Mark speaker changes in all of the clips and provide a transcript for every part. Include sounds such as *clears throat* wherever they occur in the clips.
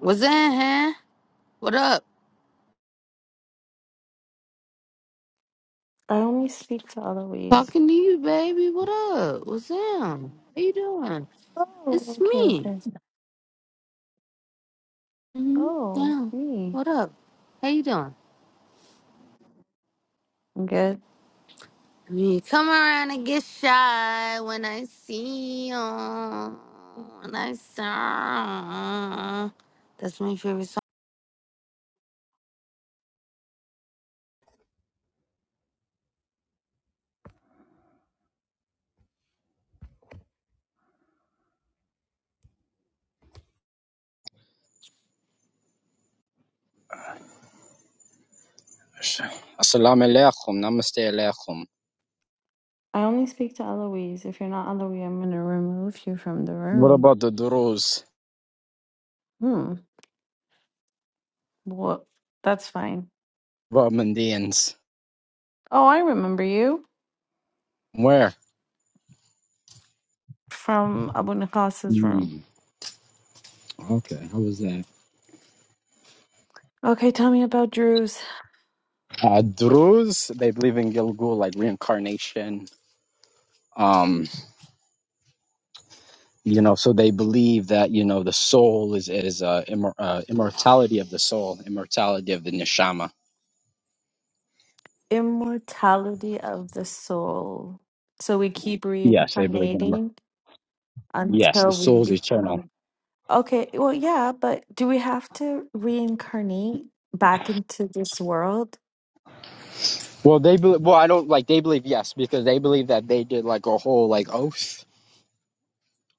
Speaker 1: What's in, huh? What up?
Speaker 2: I only speak to Eloise.
Speaker 1: Talking to you, baby. What up? What's in? How you doing?
Speaker 2: Oh,
Speaker 1: It's
Speaker 2: okay,
Speaker 1: me.
Speaker 2: okay.
Speaker 1: hmm
Speaker 2: Oh,
Speaker 1: Yeah.
Speaker 2: me.
Speaker 1: What up? How you doing?
Speaker 2: I'm good.
Speaker 1: You come around and get shy when I see you. When I saw. That's my favorite song.
Speaker 3: Assalamu alaikum, namaste alaikum.
Speaker 2: I only speak to Eloise. If you're not Eloise, I'm gonna remove you from the
Speaker 3: What
Speaker 2: room.
Speaker 3: about the Druze?
Speaker 2: Hmm. Well, that's fine.
Speaker 3: What about Mandaeans?
Speaker 2: Oh, I remember you
Speaker 3: Where?
Speaker 2: from Abu Nakas's room.
Speaker 3: Hmm, okay, how was that?
Speaker 2: Okay, tell me about Drew's
Speaker 3: Uh, Druze, they believe in Gilgul, like reincarnation. Um, you know, so they believe that you know the soul is is uh, immor- uh immortality of the soul, immortality of the neshama.
Speaker 2: immortality of the soul. So we keep
Speaker 3: Yes, they believe in immor-
Speaker 2: reincarnating
Speaker 3: yes,
Speaker 2: until
Speaker 3: the soul is
Speaker 2: we become.
Speaker 3: eternal.
Speaker 2: Okay, well, yeah, but do we have to reincarnate back into this world?
Speaker 3: Well, they believe. Well, I don't like they believe yes because they believe that they did like a whole like oath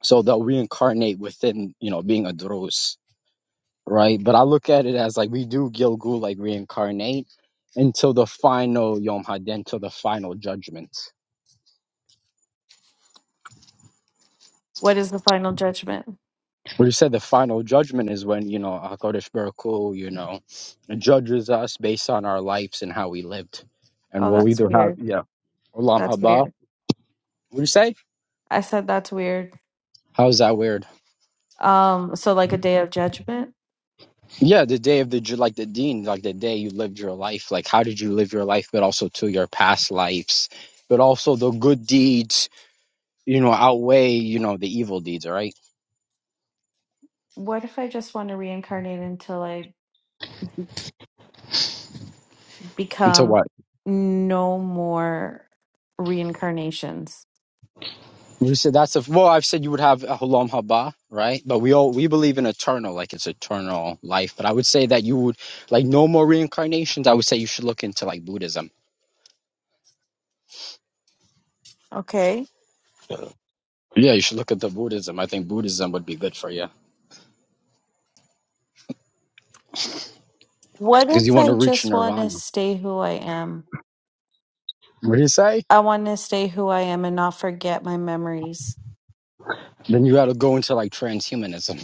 Speaker 3: so they'll reincarnate within you know being a drus right but i look at it as like we do gilgul like reincarnate until the final yom hadin till the final judgment
Speaker 2: What is the final judgment?
Speaker 3: Well, you said the final judgment is when you know HaKadosh Baruch Hu, you know judges us based on our lives and how we lived and
Speaker 2: Oh,
Speaker 3: we'll
Speaker 2: that's
Speaker 3: either have
Speaker 2: weird.
Speaker 3: yeah olam
Speaker 2: That's
Speaker 3: haba
Speaker 2: weird.
Speaker 3: what do you say
Speaker 2: I said that's weird.
Speaker 3: how's that weird
Speaker 2: Um, so like a day of judgment?
Speaker 3: Yeah, the day of the like the dean, like the day you lived your life, like how did you live your life, but also to your past lives, but also the good deeds, you know, outweigh you know the evil deeds, all right?
Speaker 2: What if I just want to reincarnate into like
Speaker 3: Until
Speaker 2: become
Speaker 3: what
Speaker 2: no more reincarnations.
Speaker 3: you said that's a well, I've said you would have a halam haba, right? But we all we believe in eternal, like it's eternal life. But I would say that you would like no more reincarnations. I would say you should look into like Buddhism.
Speaker 2: Okay.
Speaker 3: Yeah, you should look into Buddhism. I think Buddhism would be good for you
Speaker 2: What
Speaker 3: because
Speaker 2: if
Speaker 3: you want to
Speaker 2: I
Speaker 3: reach
Speaker 2: just want to
Speaker 3: nirvana.
Speaker 2: stay who I am?
Speaker 3: What do you say?
Speaker 2: I want to stay who I am and not forget my memories.
Speaker 3: Then you got to go into like transhumanism.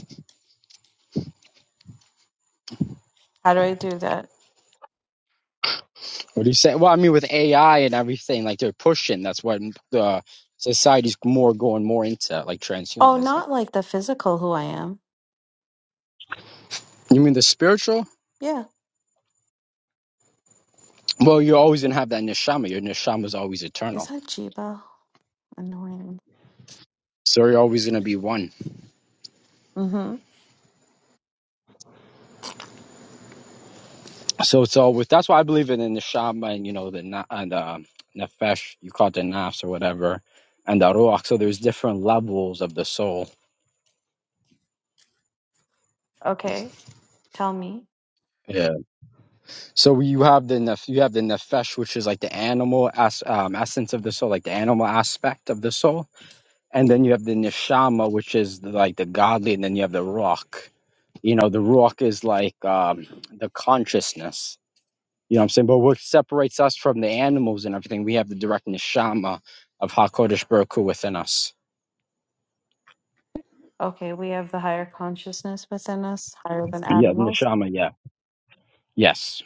Speaker 2: How do I do that?
Speaker 3: What do you say? Well, I mean, with AI and everything, like they're pushing. That's what the society's more going more into, like
Speaker 2: Oh,
Speaker 3: transhumanism.
Speaker 2: not like the physical who I am.
Speaker 3: You mean the spiritual?
Speaker 2: Yeah.
Speaker 3: Well, you're always gonna have that neshama. Your neshama is always
Speaker 2: Is
Speaker 3: eternal,
Speaker 2: that Jiba? Annoying.
Speaker 3: so you're always gonna be one.
Speaker 2: Mm-hmm.
Speaker 3: So it's all with. That's why I believe in the neshama and you know the na- and the nefesh. You call it the nafs or whatever, and the ruach. So there's different levels of the soul.
Speaker 2: Okay. Tell me.
Speaker 3: Yeah. So you have the nef- you have the nefesh, which is like the animal as um, essence of the soul, like the animal aspect of the soul and then you have the neshama, which is the, like the godly, and then you have the rock. You know, the rock is like um, the consciousness. You know what I'm saying? But what separates us from the animals and everything, we have the direct neshama of Hakodesh Baruch Hu within us.
Speaker 2: Okay. We have the higher consciousness within us, higher than
Speaker 3: Yeah,
Speaker 2: animals.
Speaker 3: neshama. Yeah. Yes.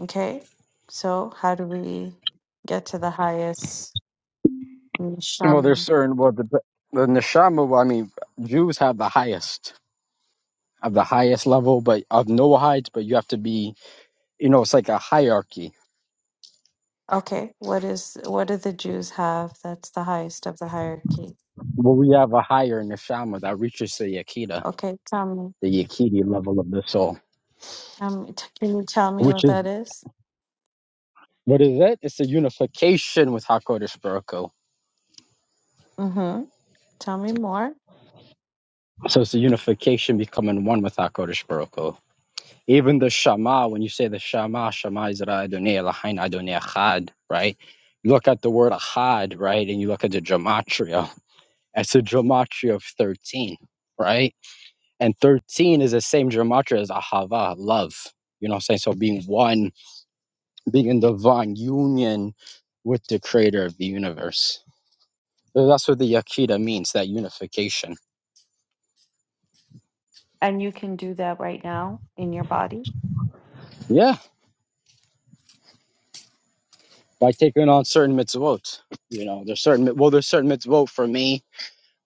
Speaker 2: Okay. So, how do we get to the highest
Speaker 3: Well, there's
Speaker 2: neshama?
Speaker 3: certain. Well, the the neshama. Well, I mean, Jews have the highest of the highest level, but of Noahides. But you have to be. You know, it's like a hierarchy.
Speaker 2: Okay, what is what do the Jews have that's the highest of the hierarchy?
Speaker 3: Well, we have a higher neshama that reaches the Yakida.
Speaker 2: Okay, tell me,
Speaker 3: the Yakiti level of the soul,
Speaker 2: tell me, t- can you tell me
Speaker 3: which
Speaker 2: what
Speaker 3: is
Speaker 2: that is?
Speaker 3: what is it? It's a unification with Hakodesh Baruch Hu.
Speaker 2: Mm-hmm. Tell me more.
Speaker 3: So it's a unification becoming one with Hakodesh Baruch Hu. Even the Shema, when you say the Shema, Shema is Adonai Eloheinu Adonai Echad, right? You look at the word Echad, right, and you look at the gematria. It's a gematria of thirteen, right? And thirteen is the same gematria as Ahava, love. You know what I'm saying? So being one, being in divine union with the creator of the universe So that's what the Yaquita means, that unification.
Speaker 2: And you can do that right now in your body.
Speaker 3: Yeah, by taking on certain mitzvot. You know, there's certain, well, there's certain mitzvot for me,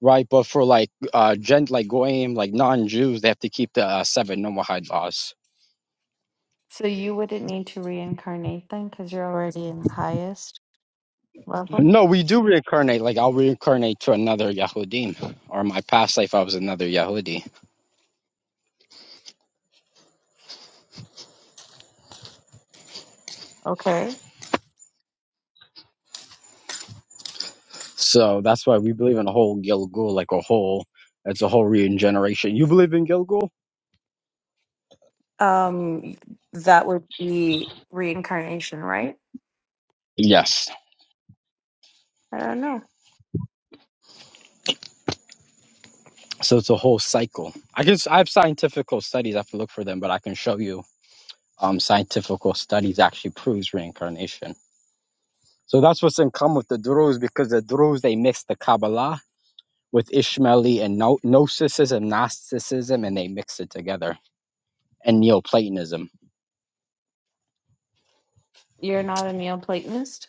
Speaker 3: right? But for like, uh, gent, like goyim, like non-Jews, they have to keep the uh, seven Noahide laws.
Speaker 2: So you wouldn't need to reincarnate then because you're already in the highest level.
Speaker 3: No, we do reincarnate. Like I'll reincarnate to another Yehudim, or my past life I was another Yahudi.
Speaker 2: Okay.
Speaker 3: So that's why we believe in a whole Gilgul, like a whole. It's a whole regeneration. You believe in Gilgul?
Speaker 2: Um, that would be reincarnation, right?
Speaker 3: Yes.
Speaker 2: I don't know.
Speaker 3: So it's a whole cycle. I guess I have scientific studies. I have to look for them, but I can show you um, scientific studies actually proves reincarnation. So that's what's in common with the Druze because the Druze they mix the Kabbalah with Ishmaeli and no- Gnosticism, Gnosticism, and they mix it together and Neoplatonism.
Speaker 2: You're not a Neoplatonist?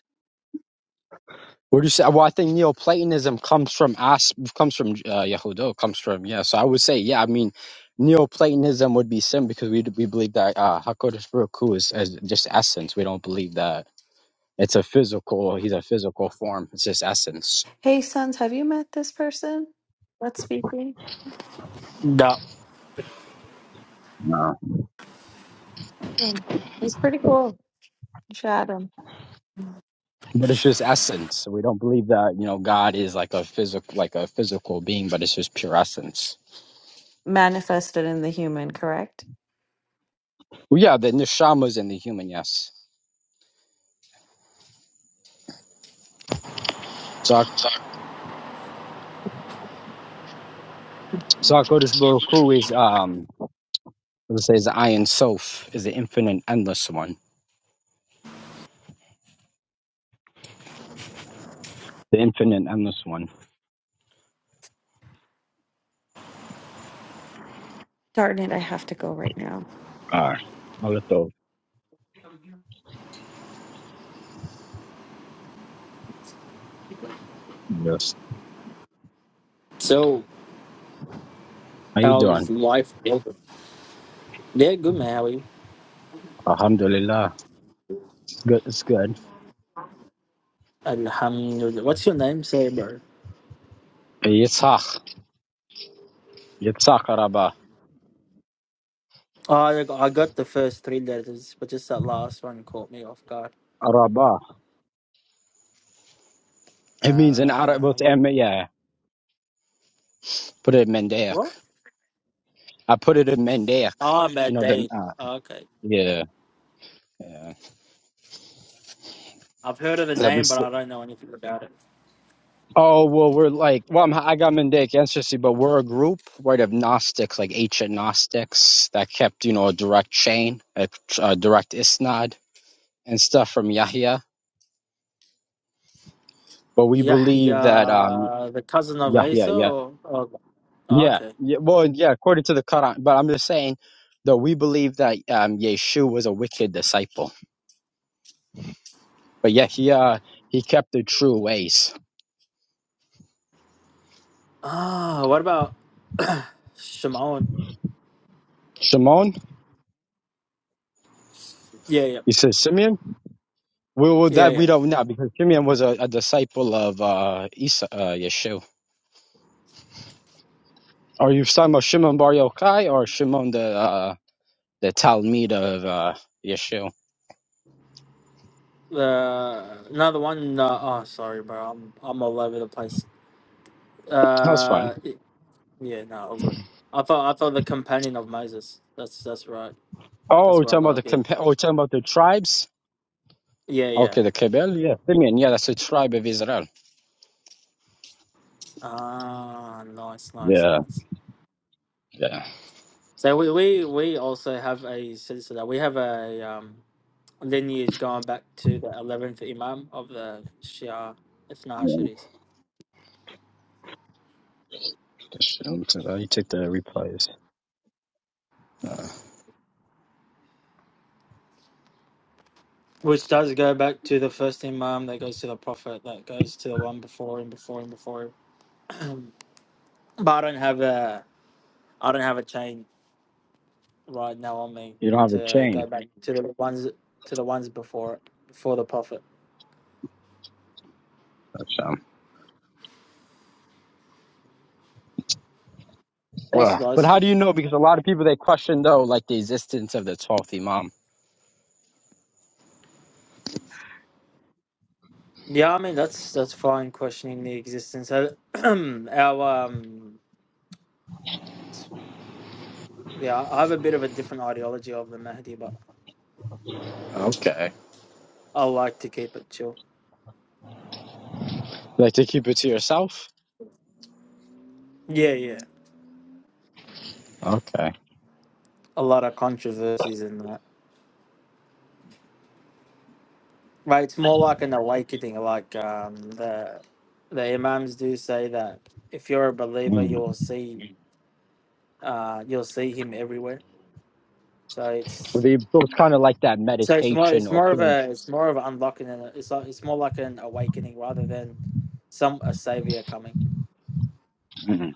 Speaker 3: Would you say? Well, I think Neoplatonism comes from As comes from uh, Yehudo, comes from yeah. So I would say yeah. I mean, Neoplatonism would be sim because we we believe that uh, Hakodesh Baruch Hu is, is just essence. We don't believe that It's a physical, he's a physical form. It's just essence.
Speaker 2: Hey, sons, have you met this person that's speaking?
Speaker 4: Da.
Speaker 3: No.
Speaker 2: Hmm. He's pretty cool. Shadow
Speaker 3: But it's just essence. We don't believe that, you know, God is like a physical like a physical being, but it's just pure essence.
Speaker 2: manifested in the human, correct?
Speaker 3: Well yeah, the neshama's in the human, yes. So so Kodesh Baruch Hu is um let's say is the Ayin Sof, is the infinite endless one. The infinite endless one.
Speaker 2: Darn it, I have to go right now.
Speaker 3: Ah. Molotov. Yes.
Speaker 4: So,
Speaker 3: How you
Speaker 4: how's
Speaker 3: doing?
Speaker 4: life going? Yeah, good, man. How are you?
Speaker 3: Alhamdulillah. It's good. It's good.
Speaker 4: Alhamdulillah. What's your name? Say, bro.
Speaker 3: Yitzhak. Yitzhak Araba.
Speaker 4: Oh, I got I got the first three letters, but just that last one caught me off guard.
Speaker 3: Araba. It means in
Speaker 4: Ah,
Speaker 3: Arabic.
Speaker 4: what?
Speaker 3: Yeah. Put it in Mendaic.
Speaker 4: What?
Speaker 3: I put it in Mendaic.
Speaker 4: Oh,
Speaker 3: You know the
Speaker 4: Madain.
Speaker 3: uh,
Speaker 4: Okay.
Speaker 3: yeah yeah.
Speaker 4: I've heard of the
Speaker 3: The
Speaker 4: name, but
Speaker 3: mis-
Speaker 4: I don't know anything about it.
Speaker 3: oh well, we're like well, I'm, I got Mendaic ancestry, but we're a group right of Gnostics, like ancient Gnostics that kept you know a direct chain, a, tr- a direct isnad and stuff from Yahya. But we believe that um
Speaker 4: Yahya, the cousin of
Speaker 3: Yahya
Speaker 4: Isa?
Speaker 3: yeah
Speaker 4: Or, or,
Speaker 3: yeah
Speaker 4: okay.
Speaker 3: yeah well yeah according to the Quran. But I'm just saying though we believe that um Yeshua was a wicked disciple, but Yahya he kept the true ways.
Speaker 4: Ah, what about *clears throat* Shimon?
Speaker 3: Shimon.
Speaker 4: Yeah, yeah.
Speaker 3: He says Simeon. Well, well
Speaker 4: Yeah,
Speaker 3: that we
Speaker 4: yeah.
Speaker 3: don't know because Simeon was a, a disciple of uh, Isa, uh, Yeshua. Are you talking about Shimon Bar Yochai or Shimon the uh, the Talmud of uh, Yeshua?
Speaker 4: Uh, another one. Uh, oh, sorry, bro. I'm I'm all over the place.
Speaker 3: That was fine.
Speaker 4: Uh, it- yeah, no, all good. I thought I thought the companion of Moses. That's that's right.
Speaker 3: Oh,
Speaker 4: That's
Speaker 3: you're
Speaker 4: where I
Speaker 3: talking
Speaker 4: got
Speaker 3: about
Speaker 4: a
Speaker 3: the
Speaker 4: bit.
Speaker 3: compa- oh, you're talking about the tribes.
Speaker 4: Yeah, yeah.
Speaker 3: Okay, the Kebel, yeah, Simeon, yeah, that's the tribe of Israel.
Speaker 4: Ah, nice, nice,
Speaker 3: Yeah,
Speaker 4: nice.
Speaker 3: yeah,
Speaker 4: So we we we also have a citizen. that- We have a um lineage going back to the eleventh Imam of the Shia Ithna
Speaker 3: yeah.
Speaker 4: Hashiris,
Speaker 3: Just, um, so, uh, You take the replies. Uh,
Speaker 4: which does go back to the first Imam that goes to the Prophet, that goes to the one before him, before him, before him. But I don't have a I don't have a chain right now on me
Speaker 3: you don't have a
Speaker 4: to go
Speaker 3: chain.
Speaker 4: back to the ones to the ones before it, before the profit.
Speaker 3: That's, um,
Speaker 4: That's
Speaker 3: Ugh. but
Speaker 4: nice.
Speaker 3: how do you know? Because a lot of people they question though, like the existence of the twelfth Imam.
Speaker 4: Yeah, I mean that's that's fine questioning the existence. Uh, *clears throat* Our um yeah, I have a bit of a different ideology of the Mahdi, but
Speaker 3: Okay.
Speaker 4: I like to keep it chill.
Speaker 3: Like to keep it to yourself?
Speaker 4: Yeah, yeah.
Speaker 3: Okay.
Speaker 4: A lot of controversies in that. Right, it's more like an awakening, like um the the imams do say that if you're a believer, you
Speaker 3: Mm.
Speaker 4: will see. uh, you'll see him everywhere. So
Speaker 3: Well,
Speaker 4: it's
Speaker 3: they- It kind of like that
Speaker 4: so it's more
Speaker 3: meditation
Speaker 4: it's
Speaker 3: or
Speaker 4: more of
Speaker 3: period.
Speaker 4: a it's more of an unlocking and a- it's like, it's more like an awakening rather than some a savior coming.
Speaker 3: Mm.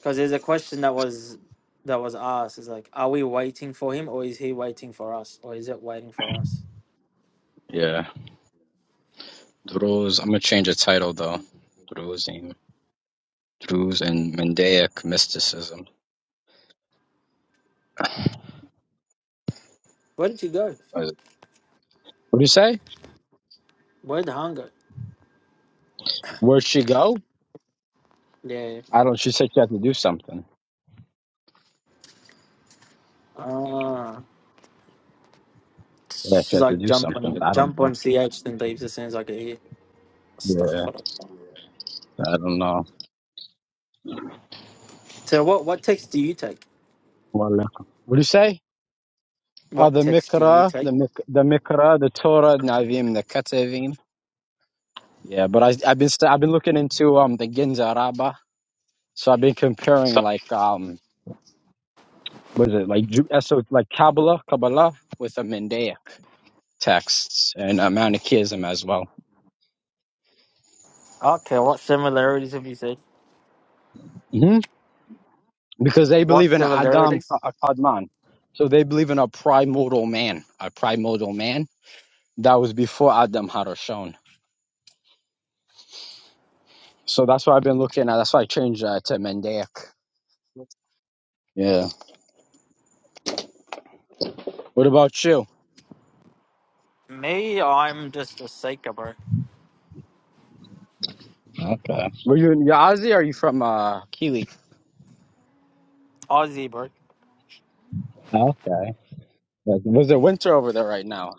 Speaker 4: Because there's a question that was that was asked is like, are we waiting for him or is he waiting for us or is it waiting for us?
Speaker 3: Yeah. Druze. I'm going to change the title though. Druze and, Druze and Mandaic mysticism.
Speaker 4: Where did you go?
Speaker 3: What do you say?
Speaker 4: Where the hunger?
Speaker 3: Where'd she go?
Speaker 4: Yeah.
Speaker 3: I don't. She said she had to do something.
Speaker 4: Ah.
Speaker 3: Yeah, she
Speaker 4: She's
Speaker 3: had to
Speaker 4: like
Speaker 3: do
Speaker 4: jump
Speaker 3: something.
Speaker 4: on
Speaker 3: I don't.
Speaker 4: jump on CH then leaves as soon as I get here. Stuff.
Speaker 3: Yeah, I don't know.
Speaker 4: So what what text do you take?
Speaker 3: Well, what do you say? Oh,
Speaker 4: What
Speaker 3: the
Speaker 4: text do you
Speaker 3: Mikra,
Speaker 4: take?
Speaker 3: the Mik, the Mikra, the Torah, Navim, the Ketuvim. Yeah, but I, I've been st- I've been looking into um the Ginza Rabbah. So I've been comparing like um what is it like Ju- uh, so like Kabbalah Kabbalah with the Mendaic texts and uh, Manichaeism as well.
Speaker 4: Okay, what similarities have you seen?
Speaker 3: hmm Because they
Speaker 4: What
Speaker 3: believe in Adam Ka-
Speaker 4: similarities?
Speaker 3: uh, Kadman, so they believe in a primordial man, a primordial man that was before Adam Harishon. So that's why I've been looking at. That's why I changed uh, to Mendaic.
Speaker 5: Yes.
Speaker 3: Yeah. What about you?
Speaker 4: Me, I'm just a Seeker, bro.
Speaker 3: Okay. Were you in Yazi? Or are you from uh Keeley?
Speaker 4: Aussie, bro.
Speaker 3: Okay. Was it winter over there right now?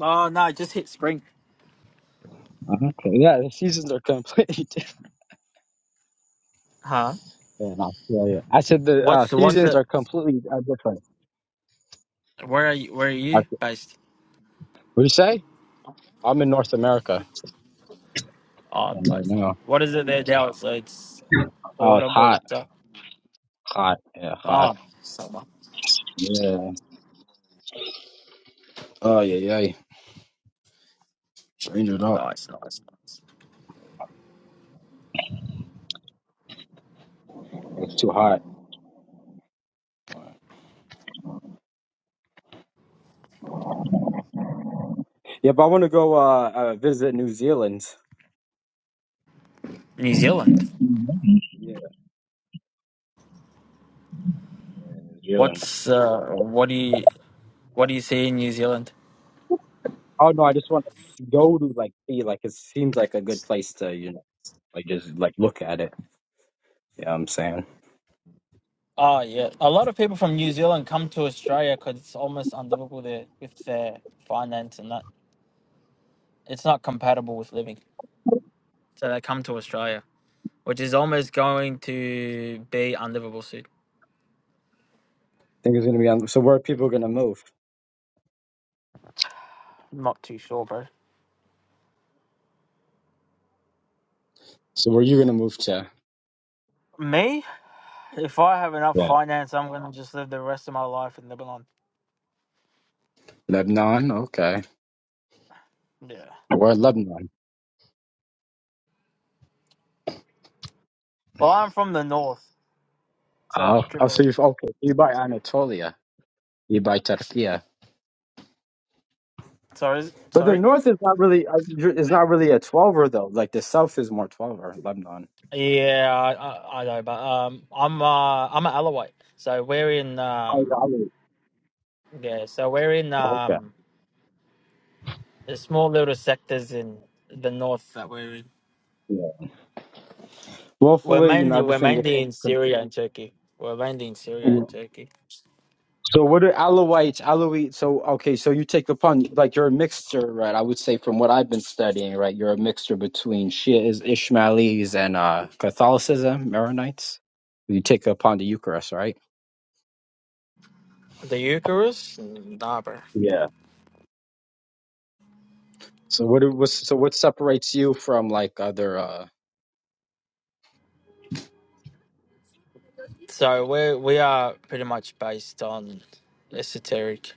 Speaker 4: Oh no, I just hit spring.
Speaker 3: Okay. Yeah, the seasons are completely *laughs* different
Speaker 4: Huh?
Speaker 3: in Australia. I said the uh,
Speaker 4: What's what's
Speaker 3: seasons
Speaker 4: it?
Speaker 3: are completely uh, different.
Speaker 4: Where are you? Where are you
Speaker 3: What
Speaker 4: based?
Speaker 3: do you say? I'm in North America
Speaker 4: Oh,
Speaker 3: and right
Speaker 4: nice.
Speaker 3: now.
Speaker 4: What is it there
Speaker 3: Yeah.
Speaker 4: now? So it's
Speaker 3: Oh, it's
Speaker 4: autumn or
Speaker 3: hot.
Speaker 4: winter.
Speaker 3: Hot. Yeah, hot.
Speaker 4: Oh, summer.
Speaker 3: Yeah. Oh, yeah, yeah. Change it up.
Speaker 4: Nice, nice, nice.
Speaker 3: It's too hot. Yeah, but I want to go uh, uh, visit New Zealand.
Speaker 4: New Zealand.
Speaker 3: Mhm. Yeah, New Zealand.
Speaker 4: What's uh? What do you what do you see in New Zealand?
Speaker 3: Oh no, I just want to go to like see like it seems like a good place to you know like just like look at it. Yeah, I'm saying. I
Speaker 4: Oh yeah, a lot of people from New Zealand come to Australia because it's almost unlivable there with their finance and that. it's not compatible with living. So they come to Australia, which is almost going to be unlivable soon.
Speaker 3: think it's gonna be on. So where are people gonna move?
Speaker 4: not too sure, bro.
Speaker 3: So where are you gonna move to?
Speaker 4: Me, if I have enough
Speaker 3: Yeah.
Speaker 4: finance, I'm gonna just live the rest of my life in Lebanon.
Speaker 3: Lebanon? Okay.
Speaker 4: Yeah.
Speaker 3: Where Lebanon?
Speaker 4: Well, I'm from the north, so
Speaker 3: Oh,
Speaker 4: like,
Speaker 3: oh so
Speaker 4: Tripoli.
Speaker 3: you okay? You by Anatolia? You by Turkey?
Speaker 4: Sorry, is-
Speaker 3: But the
Speaker 4: sorry.
Speaker 3: north is not really uh, is not really a twelver though. Like the south is more twelver. Lebanon.
Speaker 4: Yeah, I, I, I know, but um, I'm uh, I'm an Alawite, so we're in
Speaker 3: Oh, yeah,
Speaker 4: um,
Speaker 3: I mean,
Speaker 4: yeah, so we're in
Speaker 3: okay.
Speaker 4: um, the small little sectors in the north that we're in.
Speaker 3: Yeah. Well,
Speaker 4: We're
Speaker 3: hopefully, you know
Speaker 4: mainly we're
Speaker 3: everything.
Speaker 4: mainly in
Speaker 3: Gets,
Speaker 4: Syria and Turkey. We're mainly in Syria and Turkey.
Speaker 3: So what are Alawites? Alawite. So okay, so you take upon like you're a mixture, right? I would say from what I've been studying, right, you're a mixture between Shias, Ishmailis, and uh, Catholicism, Maronites. You take upon the Eucharist, right?
Speaker 4: The Eucharist, nah, bro.
Speaker 3: Yeah. So what? Was, so what separates you from like other? uh
Speaker 4: So we we are pretty much based on esoteric,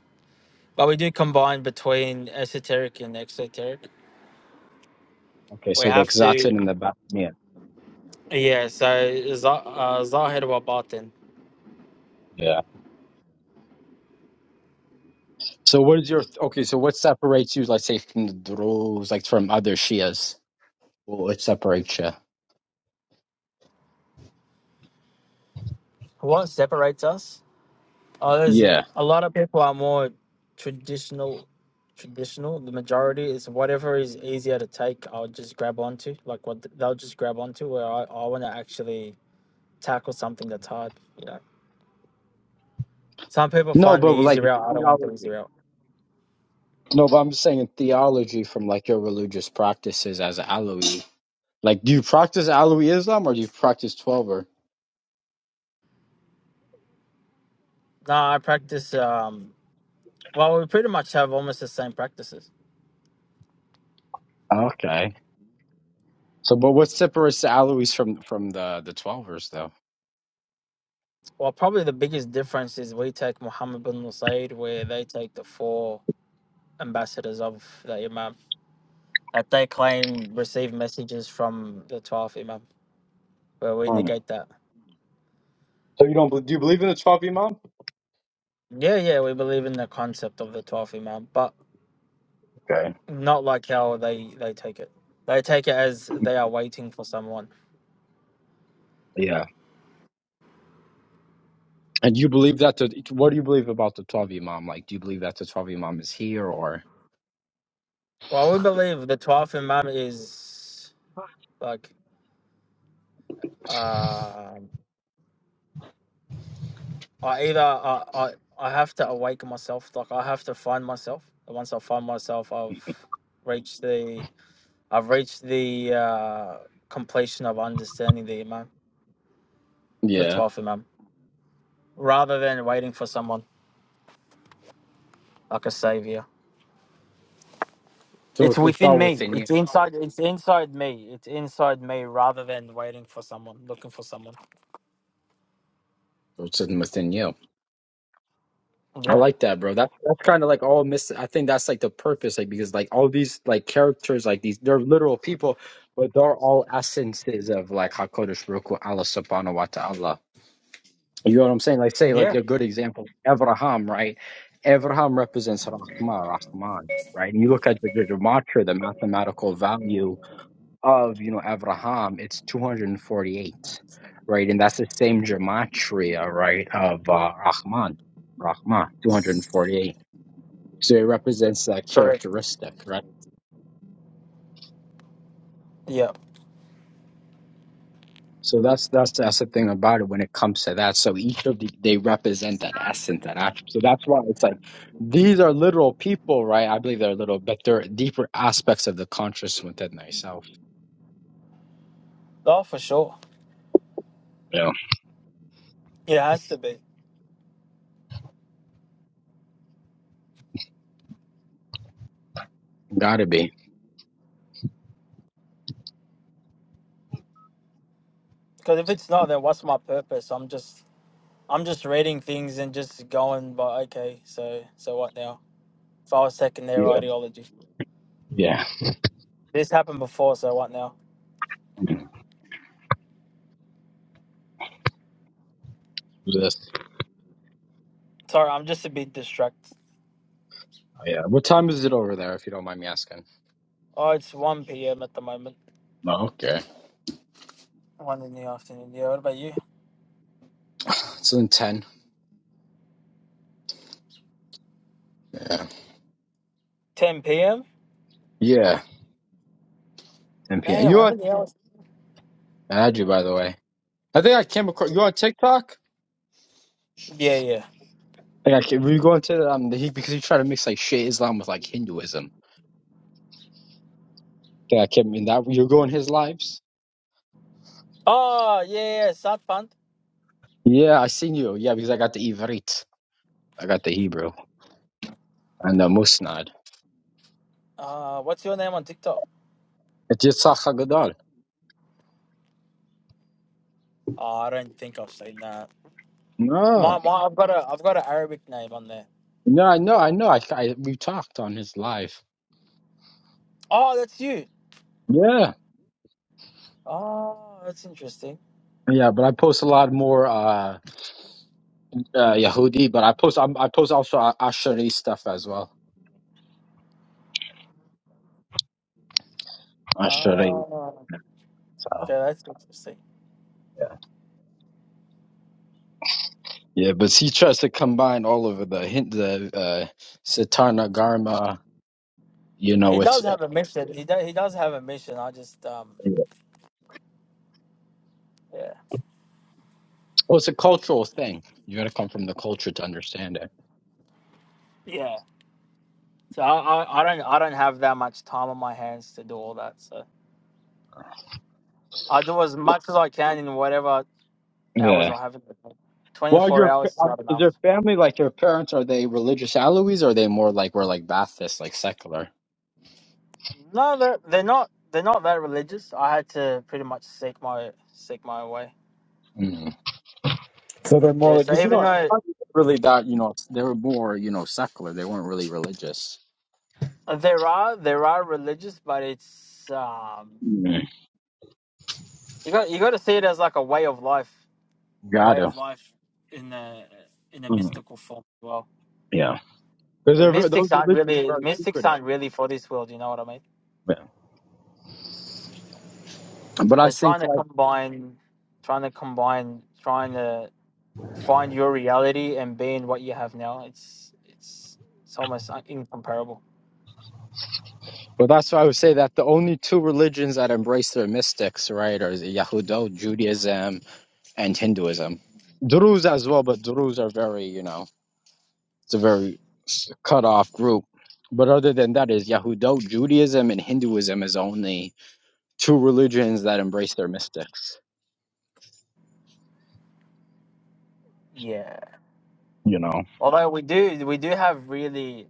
Speaker 4: but we do combine between esoteric and exoteric.
Speaker 3: Okay,
Speaker 4: We
Speaker 3: so the
Speaker 4: have to,
Speaker 3: Exatin and the Batmian.
Speaker 4: yeah. So Zahir uh, Zahir wa Batin.
Speaker 3: Yeah. So what is your okay? So what separates you, like say, from the Druze, like from other Shias? What what separates you?
Speaker 4: What separates us? Oh, there's
Speaker 3: Yeah.
Speaker 4: a lot of people are more traditional. Traditional. The majority is whatever is easier to take. I'll just grab onto. Like what th- they'll just grab onto. Where I, I want to actually tackle something that's hard. You know, some people
Speaker 3: No,
Speaker 4: find the
Speaker 3: but
Speaker 4: easy
Speaker 3: like it's
Speaker 4: route. I don't want the easy
Speaker 3: theology.
Speaker 4: route.
Speaker 3: No, but I'm just saying in theology from like your religious practices as an Alawi. Like, do you practice Alawi Islam or do you practice Twelver?
Speaker 4: No, I practice. Um, well, we pretty much have almost the same practices.
Speaker 3: Okay. So, but what separates the Alawis from from the the Twelvers though?
Speaker 4: Well, probably the biggest difference is we take Muhammad bin Said, where they take the four ambassadors of the Imam that they claim receive messages from the 12th Imam. Where we
Speaker 3: Hmm.
Speaker 4: negate that.
Speaker 3: So you don't bel- do you believe in the Twelve Imam?
Speaker 4: Yeah, yeah, we believe in the concept of the 12th Imam, but
Speaker 3: Okay.
Speaker 4: not like how they, they take it. They take it as they are waiting for someone.
Speaker 3: Yeah. And you believe that the what do you believe about the Twelve Imam? Like, do you believe that the Twelve Imam is here or?
Speaker 4: Well, we believe the 12th Imam is like, um I either I, I, I have to awake myself, like I have to find myself. And Once I find myself, I've reached the I've reached the uh, completion of understanding the Imam, the
Speaker 3: Yeah.
Speaker 4: 12th Imam, rather than waiting for someone like a savior.
Speaker 3: So
Speaker 4: It's
Speaker 3: it's
Speaker 4: within
Speaker 3: all
Speaker 4: me.
Speaker 3: within you.
Speaker 4: It's inside. It's inside me. It's inside me. rather than waiting for someone, looking for someone.
Speaker 3: So It's in- within you. I
Speaker 4: Yeah.
Speaker 3: like that, bro. That's that's kind of like all miss. I think that's like the purpose, like because like all these like characters, like these, they're literal people, but they're all essences of like Hakodesh Baruch Hu, Allah Subhanahu wa Taala. You know what I'm saying? Like say like
Speaker 4: Yeah.
Speaker 3: a good example, Abraham, right? Abraham represents Rahman, Rahman, right? And you look at the the gematria, the mathematical value of you know Abraham, it's 248, right? And that's the same gematria, right, of uh, Rahman. Rahman, 248 so it represents that
Speaker 4: Correct.
Speaker 3: characteristic, right?
Speaker 4: Yeah.
Speaker 3: So that's that's that's the thing about it when it comes to that. So each of the they represent that essence, that attribute. So that's why it's like these are literal people, right? I believe they're little, but they're deeper aspects of the consciousness within thyself.
Speaker 4: Oh, for sure.
Speaker 3: Yeah,
Speaker 4: It has to be.
Speaker 3: gotta be.
Speaker 4: Because if it's not, then what's my purpose? I'm just, I'm just reading things and just going. But okay, so, so what now? If I was taking their
Speaker 3: Yeah,
Speaker 4: ideology,
Speaker 3: yeah.
Speaker 4: this happened before. So what now?
Speaker 3: This,
Speaker 4: Sorry, I'm just a bit distracted.
Speaker 3: yeah. What time is it over there, if you don't mind me asking?
Speaker 4: Oh, it's one p.m. at the moment.
Speaker 3: Oh, okay.
Speaker 4: One in the afternoon. Yeah. What about you?
Speaker 3: It's in ten. Yeah,
Speaker 4: Ten p.m.
Speaker 3: yeah. Ten p.m.
Speaker 4: Damn,
Speaker 3: You
Speaker 4: how
Speaker 3: on?
Speaker 4: many hours?
Speaker 3: I had you, by the way. I think I came across you on TikTok.
Speaker 4: Yeah, yeah.
Speaker 3: Like I can, we were going to um the, he because he tried to mix like shit Islam with like Hinduism. Yeah, I can in that you're going his lives.
Speaker 4: Oh, yeah, yeah, Satpant.
Speaker 3: Yeah, I seen you. Yeah, because I got the Ivrit, I got the Hebrew and the Musnad.
Speaker 4: Uh, what's your name on TikTok?
Speaker 3: It's Yitzhak Haggadol.
Speaker 4: Oh, I don't think I've seen that. My,
Speaker 3: No,
Speaker 4: my, I've got a, I've got an Arabic name on there.
Speaker 3: no, I know, I know. I, I we talked on his live.
Speaker 4: Oh, that's you.
Speaker 3: Yeah,
Speaker 4: Oh, that's interesting.
Speaker 3: yeah, but I post a lot more uh, uh Yahudi, but I post I, I post also A- Asheri stuff as well. Asheri.
Speaker 4: Oh, okay,
Speaker 3: So
Speaker 4: that's interesting.
Speaker 3: yeah, but he tries to combine all of the hint, the uh, Satana Garma. You
Speaker 4: He
Speaker 3: know, it's
Speaker 4: does
Speaker 3: uh,
Speaker 4: have a mission. He does, he does have a mission. I just, um, yeah,
Speaker 3: well, it's a cultural thing. You got to come from the culture to understand it.
Speaker 4: yeah. So I, I, I don't, I don't have that much time on my hands to do all that. So I do as much as I can in whatever hours
Speaker 3: Yeah.
Speaker 4: I have. Twenty
Speaker 3: Well,
Speaker 4: four
Speaker 3: your
Speaker 4: hours is
Speaker 3: are-
Speaker 4: not
Speaker 3: is
Speaker 4: enough.
Speaker 3: your family like your parents? Are they religious Alawis? Or are they more like we're like Baptists, like secular?
Speaker 4: No, they're, they're not. They're not that religious. I had to pretty much seek my seek my way.
Speaker 3: Mm. So they're more
Speaker 4: Yeah.
Speaker 3: like
Speaker 4: So
Speaker 3: because you
Speaker 4: even
Speaker 3: know
Speaker 4: though
Speaker 3: Australians really
Speaker 4: it,
Speaker 3: that you know they were more you know secular. They weren't really religious.
Speaker 4: there are there are religious, but it's um
Speaker 3: Mm.
Speaker 4: you got you got to see it as like a way of life, a
Speaker 3: Got
Speaker 4: way of
Speaker 3: to.
Speaker 4: life in a in a
Speaker 3: Mm.
Speaker 4: mystical form as well.
Speaker 3: Yeah. Because
Speaker 4: The
Speaker 3: those
Speaker 4: mystics aren't
Speaker 3: religions are
Speaker 4: really the
Speaker 3: very
Speaker 4: mystics
Speaker 3: secretive.
Speaker 4: aren't really for this world. You know what I mean?
Speaker 3: Yeah. But I
Speaker 4: So trying
Speaker 3: think
Speaker 4: to
Speaker 3: like
Speaker 4: combine, trying to combine, trying to find your reality and being what you have now. It's it's it's almost uh, incomparable.
Speaker 3: well that's why I would say that the only two religions that embrace their mystics, right, are Yahudot, Judaism and Hinduism. Druze as well, but Druze are very, you know, it's a very s- cut off group. But other than that, is Yahudot, Judaism, and Hinduism is only two religions that embrace their mystics.
Speaker 4: Yeah.
Speaker 3: You know,
Speaker 4: Although we do we do have really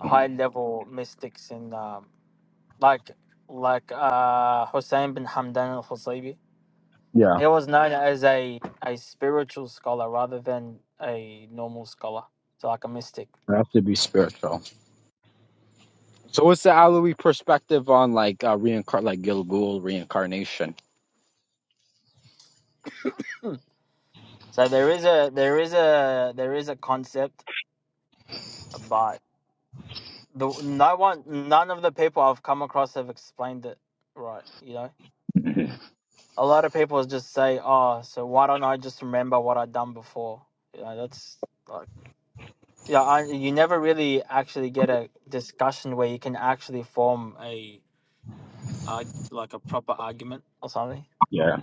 Speaker 4: high level mystics in um like like uh Hussein bin Hamdan al Husaybi.
Speaker 3: yeah,
Speaker 4: He was known as a, a spiritual scholar rather than a normal scholar. So like a mystic.
Speaker 3: they have to be spiritual. So, what's the Alawi perspective on like uh, reincar, like Gilgul reincarnation?
Speaker 4: So there is a there is a there is a concept but the no one none of the people I've come across have explained it right, you know?
Speaker 3: *laughs* Mhm.
Speaker 4: a lot of people just say, "Oh, so why don't I just remember what I've done before?" You know, that's like, yeah, I, you never really actually get a discussion where you can actually form a uh, like a proper argument or something.
Speaker 3: yeah,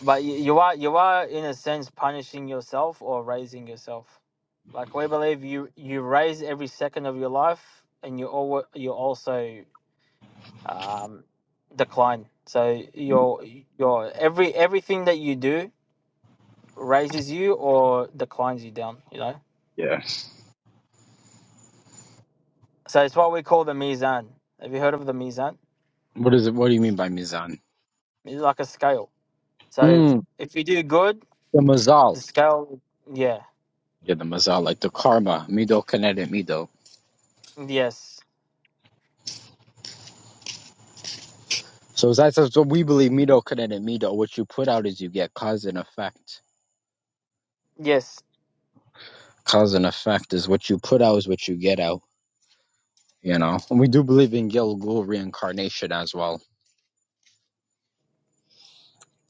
Speaker 4: But you, you are you are in a sense punishing yourself or raising yourself. Like we believe you you raise every second of your life, and you all you also um, decline. So your your every everything that you do raises you or declines you down, you know?
Speaker 3: yeah.
Speaker 4: So it's what we call the mizan. Have you heard of the mizan?
Speaker 3: What is it? What do you mean by mizan?
Speaker 4: It's like a scale. So
Speaker 3: Mm,
Speaker 4: if you do good,
Speaker 3: the
Speaker 4: the
Speaker 3: mazal.
Speaker 4: scale, yeah,
Speaker 3: Yeah, the mazal, like the karma, mido, kinetic, mido.
Speaker 4: yes,
Speaker 3: So that's what we believe Mido couldn't Mido. What you put out is you get cause and effect.
Speaker 4: yes.
Speaker 3: Cause and effect is what you put out is what you get out. You know? And we do believe in Gilgul reincarnation as well.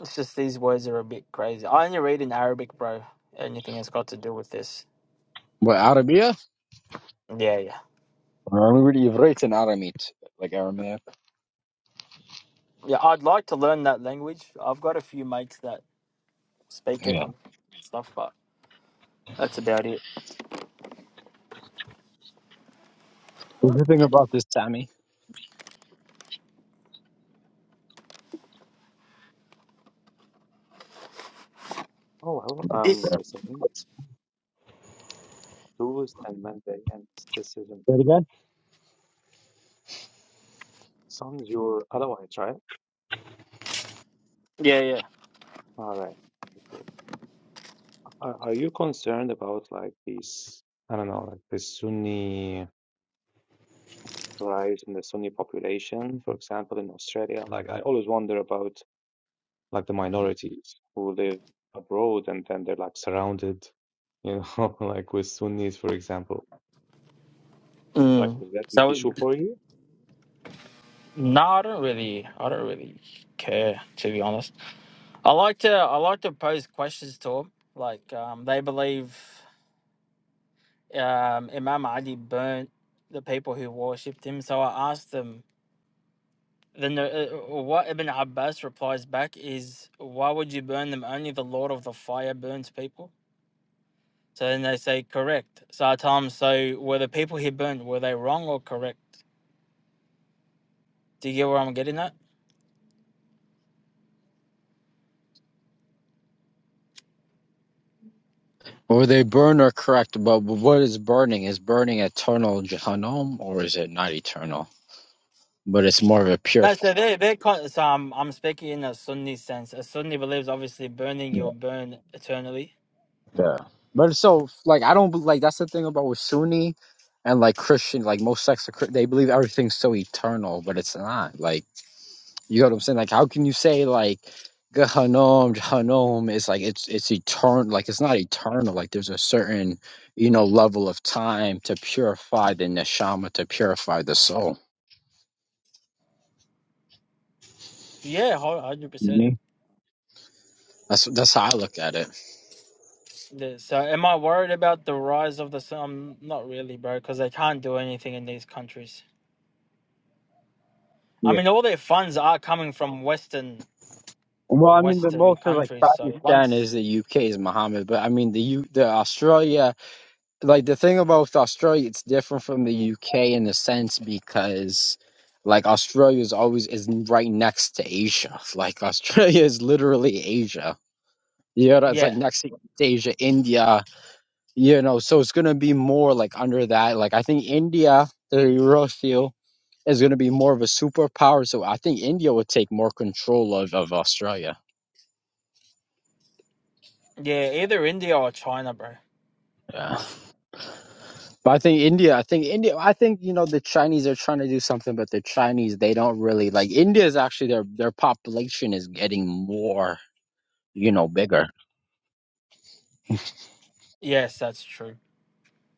Speaker 4: It's just these words are a bit crazy. I only read in Arabic, bro. Anything that's got to do with this.
Speaker 3: But Arabia?
Speaker 4: Yeah, yeah.
Speaker 3: Or are we Ivrit and Aramit. Like Aramaic.
Speaker 4: Yeah, I'd like to learn that language. I've got a few mates that speak it
Speaker 3: Yeah.
Speaker 4: and stuff, but that's about it.
Speaker 3: What do you think about this, Sammy?
Speaker 5: Oh, well,
Speaker 4: This?
Speaker 5: I'm
Speaker 3: Yeah.
Speaker 5: listening. Tools and Monday and mysticism.
Speaker 3: Say it again?
Speaker 5: Sounds your otherwise, right?
Speaker 4: Yeah, yeah.
Speaker 5: All right. Okay, Cool. Are, are you concerned about like this, I don't know, like the Sunni rise in the Sunni population, for example, in Australia? Like, I always wonder about like the minorities who live abroad and then they're like surrounded, you know, *laughs* like with Sunnis, for example. Like,
Speaker 4: Mm.
Speaker 5: is that an
Speaker 4: So
Speaker 5: issue for you?
Speaker 4: No, I don't really. I don't really care to be honest. I like to. I like to pose questions to them. Like um, they believe um, Imam Ali burnt the people who worshipped him. So I asked them. Then the, uh, what Ibn Abbas replies back is, "Why would you burn them? Only the Lord of the Fire burns people." So then they say, "Correct." So I tell them, "So were the people he burned were they wrong or correct?" Do you get where I'm getting at?
Speaker 3: Or they burn or correct, but what is burning? Is burning eternal Jahannam or is it not eternal? But it's more of a pure.
Speaker 4: No, so they they con- so I'm I'm speaking in a Sunni sense. A Sunni believes obviously burning you'll burn eternally.
Speaker 3: Yeah. But so like I don't like that's the thing about with Sunni and like Christian like most sects are Chri- they believe everything's so eternal, but it's not. Like you know what I'm saying? Like how can you say like Gehanom, Gehanom is like it's it's eternal like it's not eternal. Like there's a certain, you know, level of time to purify the neshama, to purify the soul.
Speaker 4: Yeah, hundred percent.
Speaker 3: hmm That's that's how I look at it.
Speaker 4: So am I worried about the rise of the sun? I'm not really, bro, because they can't do anything in these countries. I
Speaker 3: Yeah.
Speaker 4: mean, all their funds are coming from Western
Speaker 3: Well, I mean, the
Speaker 4: Western
Speaker 3: most of like
Speaker 4: countries. So
Speaker 3: Pakistan
Speaker 4: once,
Speaker 3: is the UK is Muhammad, but I mean the U the Australia like the thing about Australia, it's different from the UK in a sense because like Australia is always is right next to Asia. *laughs* Like Australia is literally Asia. You know, it's like
Speaker 4: yeah,
Speaker 3: next to Asia, India. You know, so it's gonna be more like under that. Like I think India, the Eurofield, is gonna be more of a superpower. So I think India would take more control of of Australia.
Speaker 4: yeah, either India or China, bro.
Speaker 3: Yeah. But I think India, I think India, I think you know the Chinese are trying to do something, but the Chinese they don't really like India is actually their their population is getting more, you know, bigger.
Speaker 4: Yes, that's true.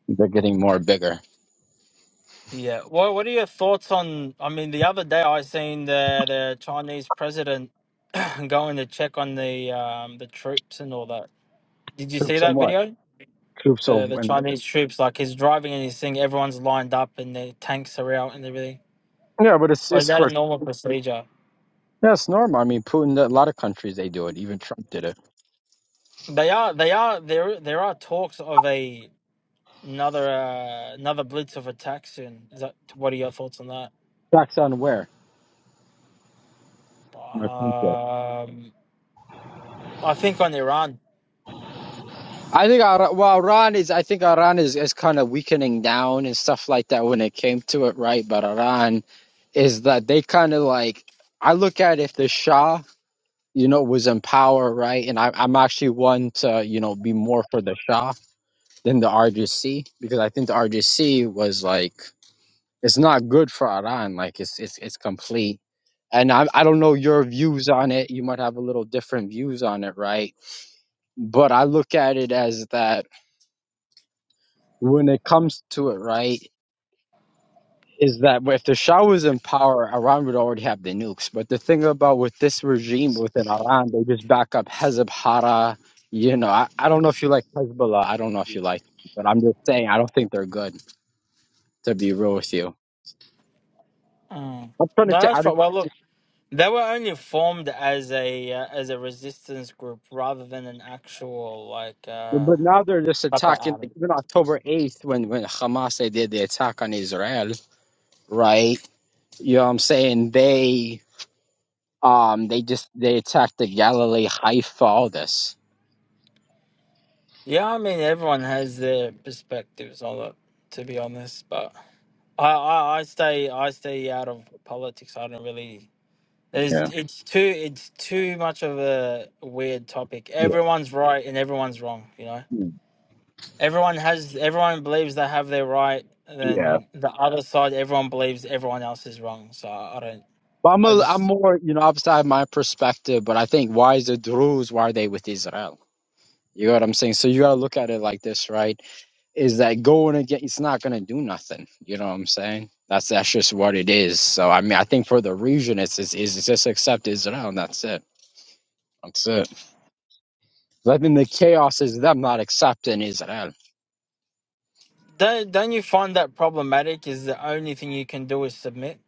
Speaker 3: They're getting more bigger.
Speaker 4: Yeah. What What are your thoughts on? I mean, the other day I seen the the Chinese president *clears throat* going to check on the um the troops and all that. Did you see
Speaker 3: Troops and
Speaker 4: that
Speaker 3: what?
Speaker 4: video?
Speaker 3: Troops
Speaker 4: The the
Speaker 3: over and what?
Speaker 4: Chinese troops, like he's driving and he's seeing everyone's lined up and the tanks are out and everything.
Speaker 3: Yeah, but it's
Speaker 4: Or is
Speaker 3: it's
Speaker 4: that a
Speaker 3: for
Speaker 4: normal procedure?
Speaker 3: yeah, it's normal. I mean, Putin, a lot of countries they do it. Even Trump did it.
Speaker 4: They are. They are. There. There are talks of a another uh, another blitz of attack soon. Is that? What are your thoughts on that?
Speaker 3: Tax on where? My country.
Speaker 4: Um, I think on Iran.
Speaker 3: I think Iran, well, Iran is. I think Iran is, is kind of weakening down and stuff like that when it came to it, right? But Iran is that they kind of like. I look at if the Shah, you know, was in power, right? And I, I'm actually one to, you know, be more for the Shah than the RJC because I think the RJC was like it's not good for Iran. Like it's it's it's complete. And I, I don't know your views on it. You might have a little different views on it, right? But I look at it as that when it comes to it, right, is that if the Shah was in power, Iran would already have the nukes. But the thing about with this regime within Iran, they just back up Hezb Hara. You know, I, I don't know if you like Hezbollah. I don't know if you like, but I'm just saying, I don't think they're good, to be real with you.
Speaker 4: Mm.
Speaker 3: I'm trying to
Speaker 4: No,
Speaker 3: say,
Speaker 4: that's
Speaker 3: I
Speaker 4: fine.
Speaker 3: just,
Speaker 4: Well, look. They were only formed as a uh, as a resistance group rather than an actual like uh
Speaker 3: but now they're just
Speaker 4: proper
Speaker 3: attacking,
Speaker 4: army.
Speaker 3: like, even October 8th, when, when Hamas, they did the attack on Israel, right? You know what I'm saying? They, um, they just, they attacked the Galilee, Haifa, all this.
Speaker 4: Yeah, I mean everyone has their perspectives on it, to be honest. But I, I, I stay I stay out of politics. I don't really.
Speaker 3: Yeah.
Speaker 4: There's it's too it's too much of a weird topic.
Speaker 3: Yeah.
Speaker 4: Everyone's right and everyone's wrong. You know,
Speaker 3: Mm.
Speaker 4: everyone has everyone believes they have their right. And
Speaker 3: Yeah.
Speaker 4: then the other side, everyone believes everyone else is wrong. So I don't.
Speaker 3: But I'm
Speaker 4: I
Speaker 3: a, I'm
Speaker 4: just
Speaker 3: more, you know, outside my perspective, but I think why is the Druze, why are they with Israel? You know what I'm saying? So you gotta look at it like this, right? Is that going against it's not gonna do nothing. You know what I'm saying? That's that's just what it is. So I mean I think for the region it's is is it's just accept Israel and that's it. That's it. I think the chaos is them not accepting Israel.
Speaker 4: Don't don't you find that problematic? Is the only thing you can do is submit.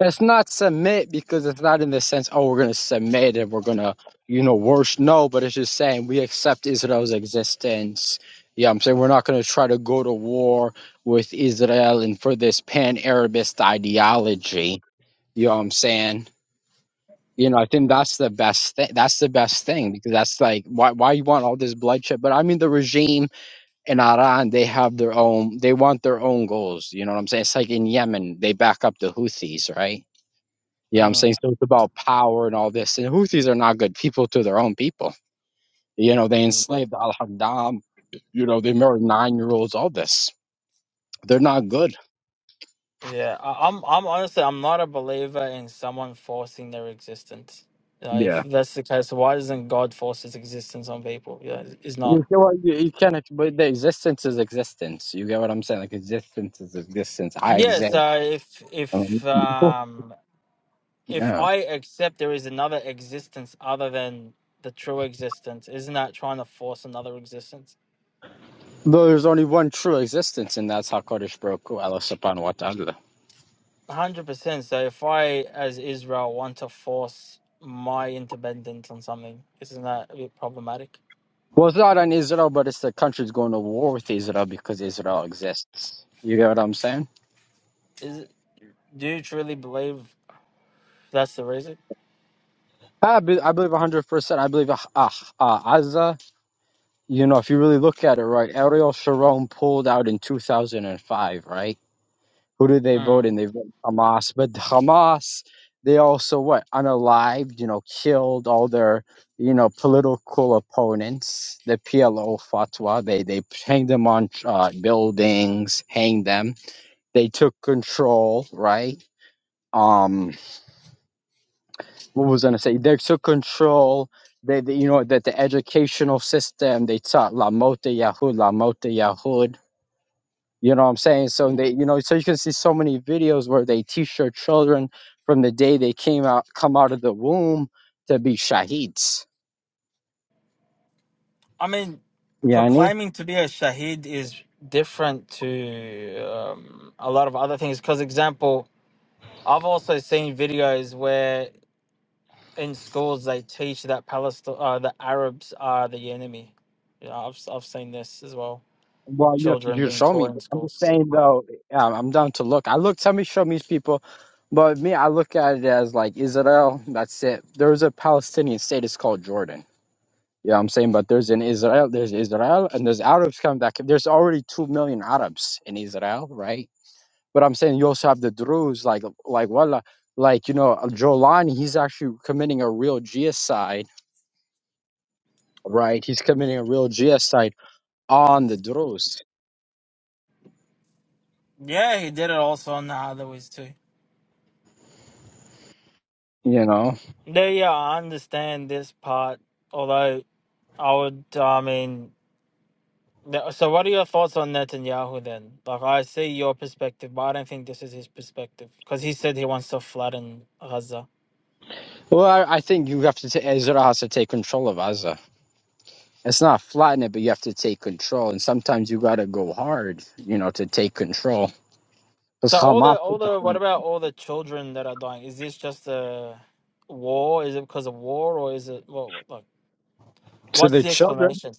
Speaker 3: It's not submit because it's not in the sense, oh, we're going to submit and we're going to, you know, worship. No, but it's just saying we accept Israel's existence. Yeah, I'm saying we're not going to try to go to war with Israel and for this pan Arabist ideology. You know what I'm saying? You know, I think that's the best thing. That's the best thing because that's like why why you want all this bloodshed. But I mean, the regime in Iran, they have their own. They want their own goals. You know what I'm saying? It's like in Yemen, they back up the Houthis, right? Yeah, I'm
Speaker 4: Mm.
Speaker 3: saying so it's about power and all this. And Houthis are not good people to their own people. You know, they
Speaker 4: Okay.
Speaker 3: enslaved Al Haddam, you know, they murdered nine year olds, all this. They're not good.
Speaker 4: Yeah, I, I'm. I'm honestly, I'm not a believer in someone forcing their existence. You know, if
Speaker 3: Yeah.
Speaker 4: that's the case, why doesn't God force His existence on people? Yeah, it's not.
Speaker 3: You see what you, you can't, ex- but the existence is existence. You get what I'm saying? Like existence is existence. I
Speaker 4: Yeah.
Speaker 3: exist. *laughs*
Speaker 4: So if
Speaker 3: Um,
Speaker 4: if um if
Speaker 3: Yeah.
Speaker 4: I accept there is another existence other than the true existence, isn't that trying to force another existence?
Speaker 3: Though there's only one true existence, and that's Hakadosh Baruch Hu, Allah Subhanahu wa Taala.
Speaker 4: 100%. So if I, as Israel, want to force my independence on something, isn't that a bit problematic?
Speaker 3: Well, it's not on Israel, but it's the country's going to war with Israel because Israel exists. You get what I'm saying?
Speaker 4: Is it, Do you truly believe that's the reason?
Speaker 3: I, be, I believe 100%. I believe uh, uh, Azza, you know, if you really look at it right, Ariel Sharon pulled out in 2005, right? Who did they vote
Speaker 4: Mm.
Speaker 3: in? They voted Hamas. But Hamas, they also, what, unalived, you know, killed all their, you know, political opponents. The PLO fatwa, they, they hanged them on uh, buildings, hanged them. They took control, right? Um. what was I gonna say? They took control. They, they- you know, that the educational system they taught La Mota Yahud, La Mota Yahud. You know what I'm saying? So they, you know, so you can see so many videos where they teach their children from the day they came out, come out of the womb to be shaheeds.
Speaker 4: I mean,
Speaker 3: Yani.
Speaker 4: proclaiming to be a shaheed is different to um, a lot of other things. Because, example, I've also seen videos where in schools they teach that Palestine, uh, the Arabs are the enemy. Yeah, I've i I've seen this as well.
Speaker 3: Well, you have to
Speaker 4: Children
Speaker 3: you
Speaker 4: being
Speaker 3: show me.
Speaker 4: taught in
Speaker 3: But I'm just
Speaker 4: schools.
Speaker 3: saying though, um, I'm down to look. I look. Somebody show me people, but me, I look at it as like Israel. That's it. There's a Palestinian state. It's called Jordan. Yeah, I'm saying, but there's in Israel, there's Israel, and there's Arabs come back. There's already two million Arabs in Israel, right? But I'm saying you also have the Druze, like like Wallah, like you know uh, Jolani. He's actually committing a real genocide, right? He's committing a real genocide on the Druze.
Speaker 4: Yeah, he did it also on the Hathaways too.
Speaker 3: You know.
Speaker 4: Yeah, yeah, I understand this part. Although I would, I mean, th- so what are your thoughts on Netanyahu then? Like, I see your perspective, but I don't think this is his perspective because he said he wants to flatten Gaza.
Speaker 3: Well, I, I think you have to. ta Israel has to take control of Gaza. It's not flatten it, but you have to take control. And sometimes you gotta go hard, you know, to take control. Because
Speaker 4: So all
Speaker 3: Hamas
Speaker 4: the all the what about all the children that are dying? Is this just a war? Is it because of war, or is it what? what like,
Speaker 3: *laughs* to
Speaker 4: what's
Speaker 3: the
Speaker 4: the
Speaker 3: children.
Speaker 4: explanation?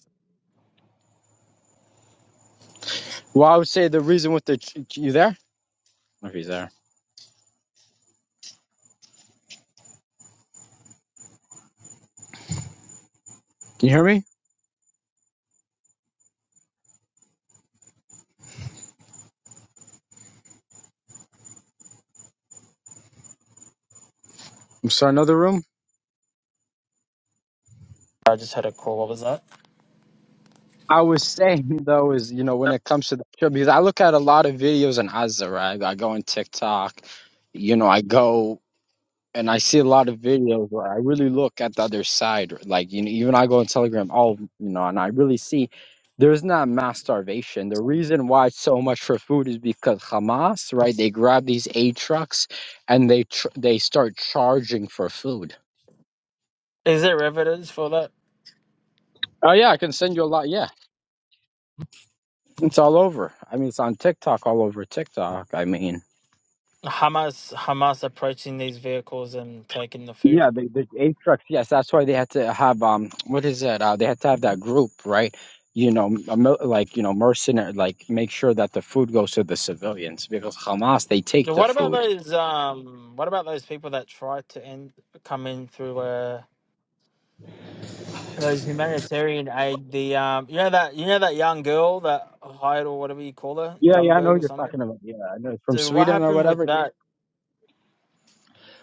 Speaker 3: Well, I would say the reason with the ch- you there? If he's there, can you hear me? I'm sorry, another room.
Speaker 4: I just had a call. What was that?
Speaker 3: I was saying *laughs* though is you know when it comes to the trip because I look at a lot of videos in Gaza, right? I go on TikTok, you know, I go and I see a lot of videos where I really look at the other side. Like you know, even I go on Telegram, all you know, and I really see there's not mass starvation. The reason why it's so much for food is because Hamas, right? They grab these aid trucks and they tr- they start charging for food
Speaker 4: Is there evidence for that?
Speaker 3: Oh yeah, I can send you a lot. Yeah, it's all over. I mean, it's on TikTok, all over TikTok. I mean,
Speaker 4: Hamas Hamas approaching these vehicles and taking the food.
Speaker 3: yeah, the the eight trucks. Yes, that's why they had to have um, what is it? Uh, they had to have that group, right? You know, a mil- like you know, mercenary, like make sure that the food goes to the civilians because Hamas they take
Speaker 4: Now,
Speaker 3: the
Speaker 4: What about
Speaker 3: food.
Speaker 4: those um? What about those people that try to end come in through uh those humanitarian aid? The um, you know that you know that young girl that Hyde or whatever you call her,
Speaker 3: Yeah, yeah, I know
Speaker 4: Jumberg
Speaker 3: what
Speaker 4: or
Speaker 3: you're
Speaker 4: something.
Speaker 3: talking about. Yeah, I know it's from
Speaker 4: So what
Speaker 3: Sweden or
Speaker 4: happened with
Speaker 3: whatever.
Speaker 4: that?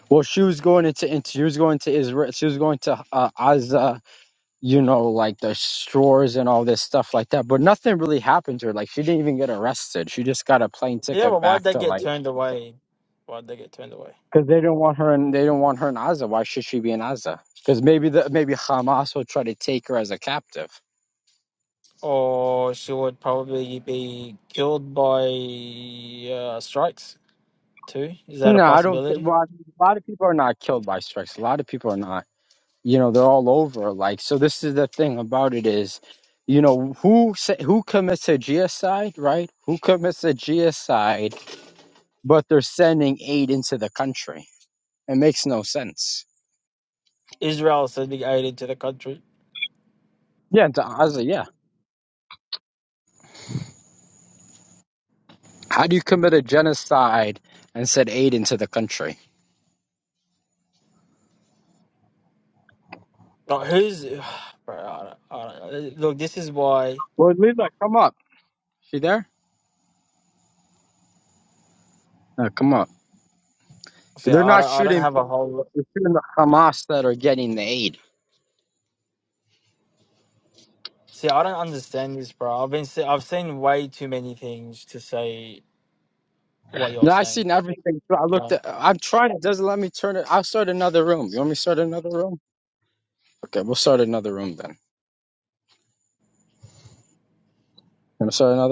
Speaker 3: Well, she was going into, into she was going to Israel. She was going to uh, Gaza you know, like the stores and all this stuff like that. But nothing really happened to her. Like she didn't even get arrested. She just got a plane
Speaker 4: Yeah,
Speaker 3: ticket
Speaker 4: but why'd
Speaker 3: back
Speaker 4: they
Speaker 3: to
Speaker 4: get
Speaker 3: like
Speaker 4: turned away? Why'd they get turned away?
Speaker 3: because they didn't want her and they didn't want her in Gaza. Why should she be in Gaza? Because maybe the maybe Hamas will try to take her as a captive.
Speaker 4: Or she would probably be killed by uh, strikes too. Is that a
Speaker 3: No, I don't. Think,
Speaker 4: possibility?
Speaker 3: well, a lot of people are not killed by strikes. A lot of people are not. You know, they're all over. Like so, this is the thing about it is. You know who sa- who commits a genocide, right? Who commits a genocide? But they're sending aid into the country It makes no sense.
Speaker 4: Israel said big aid into the country.
Speaker 3: Yeah, to Gaza, yeah. How do you commit a genocide and send aid into the country?
Speaker 4: Like, who's, *sighs* bro? I don't, I don't know. Look, this is why.
Speaker 3: Well, Lisa, come up. she there? No, come up.
Speaker 4: See,
Speaker 3: They're
Speaker 4: I
Speaker 3: not
Speaker 4: don't. I don't
Speaker 3: shooting.
Speaker 4: have a
Speaker 3: people,
Speaker 4: whole.
Speaker 3: They're shooting the Hamas that are getting the aid.
Speaker 4: See, I don't understand this, bro. I've been se- I've seen way too many things to say what you're
Speaker 3: Now I've
Speaker 4: saying.
Speaker 3: seen everything. so I looked. At, I'm trying. It doesn't let me turn it. I'll start another room. You want me to start another room? Okay, we'll start another room then. You want to start another room?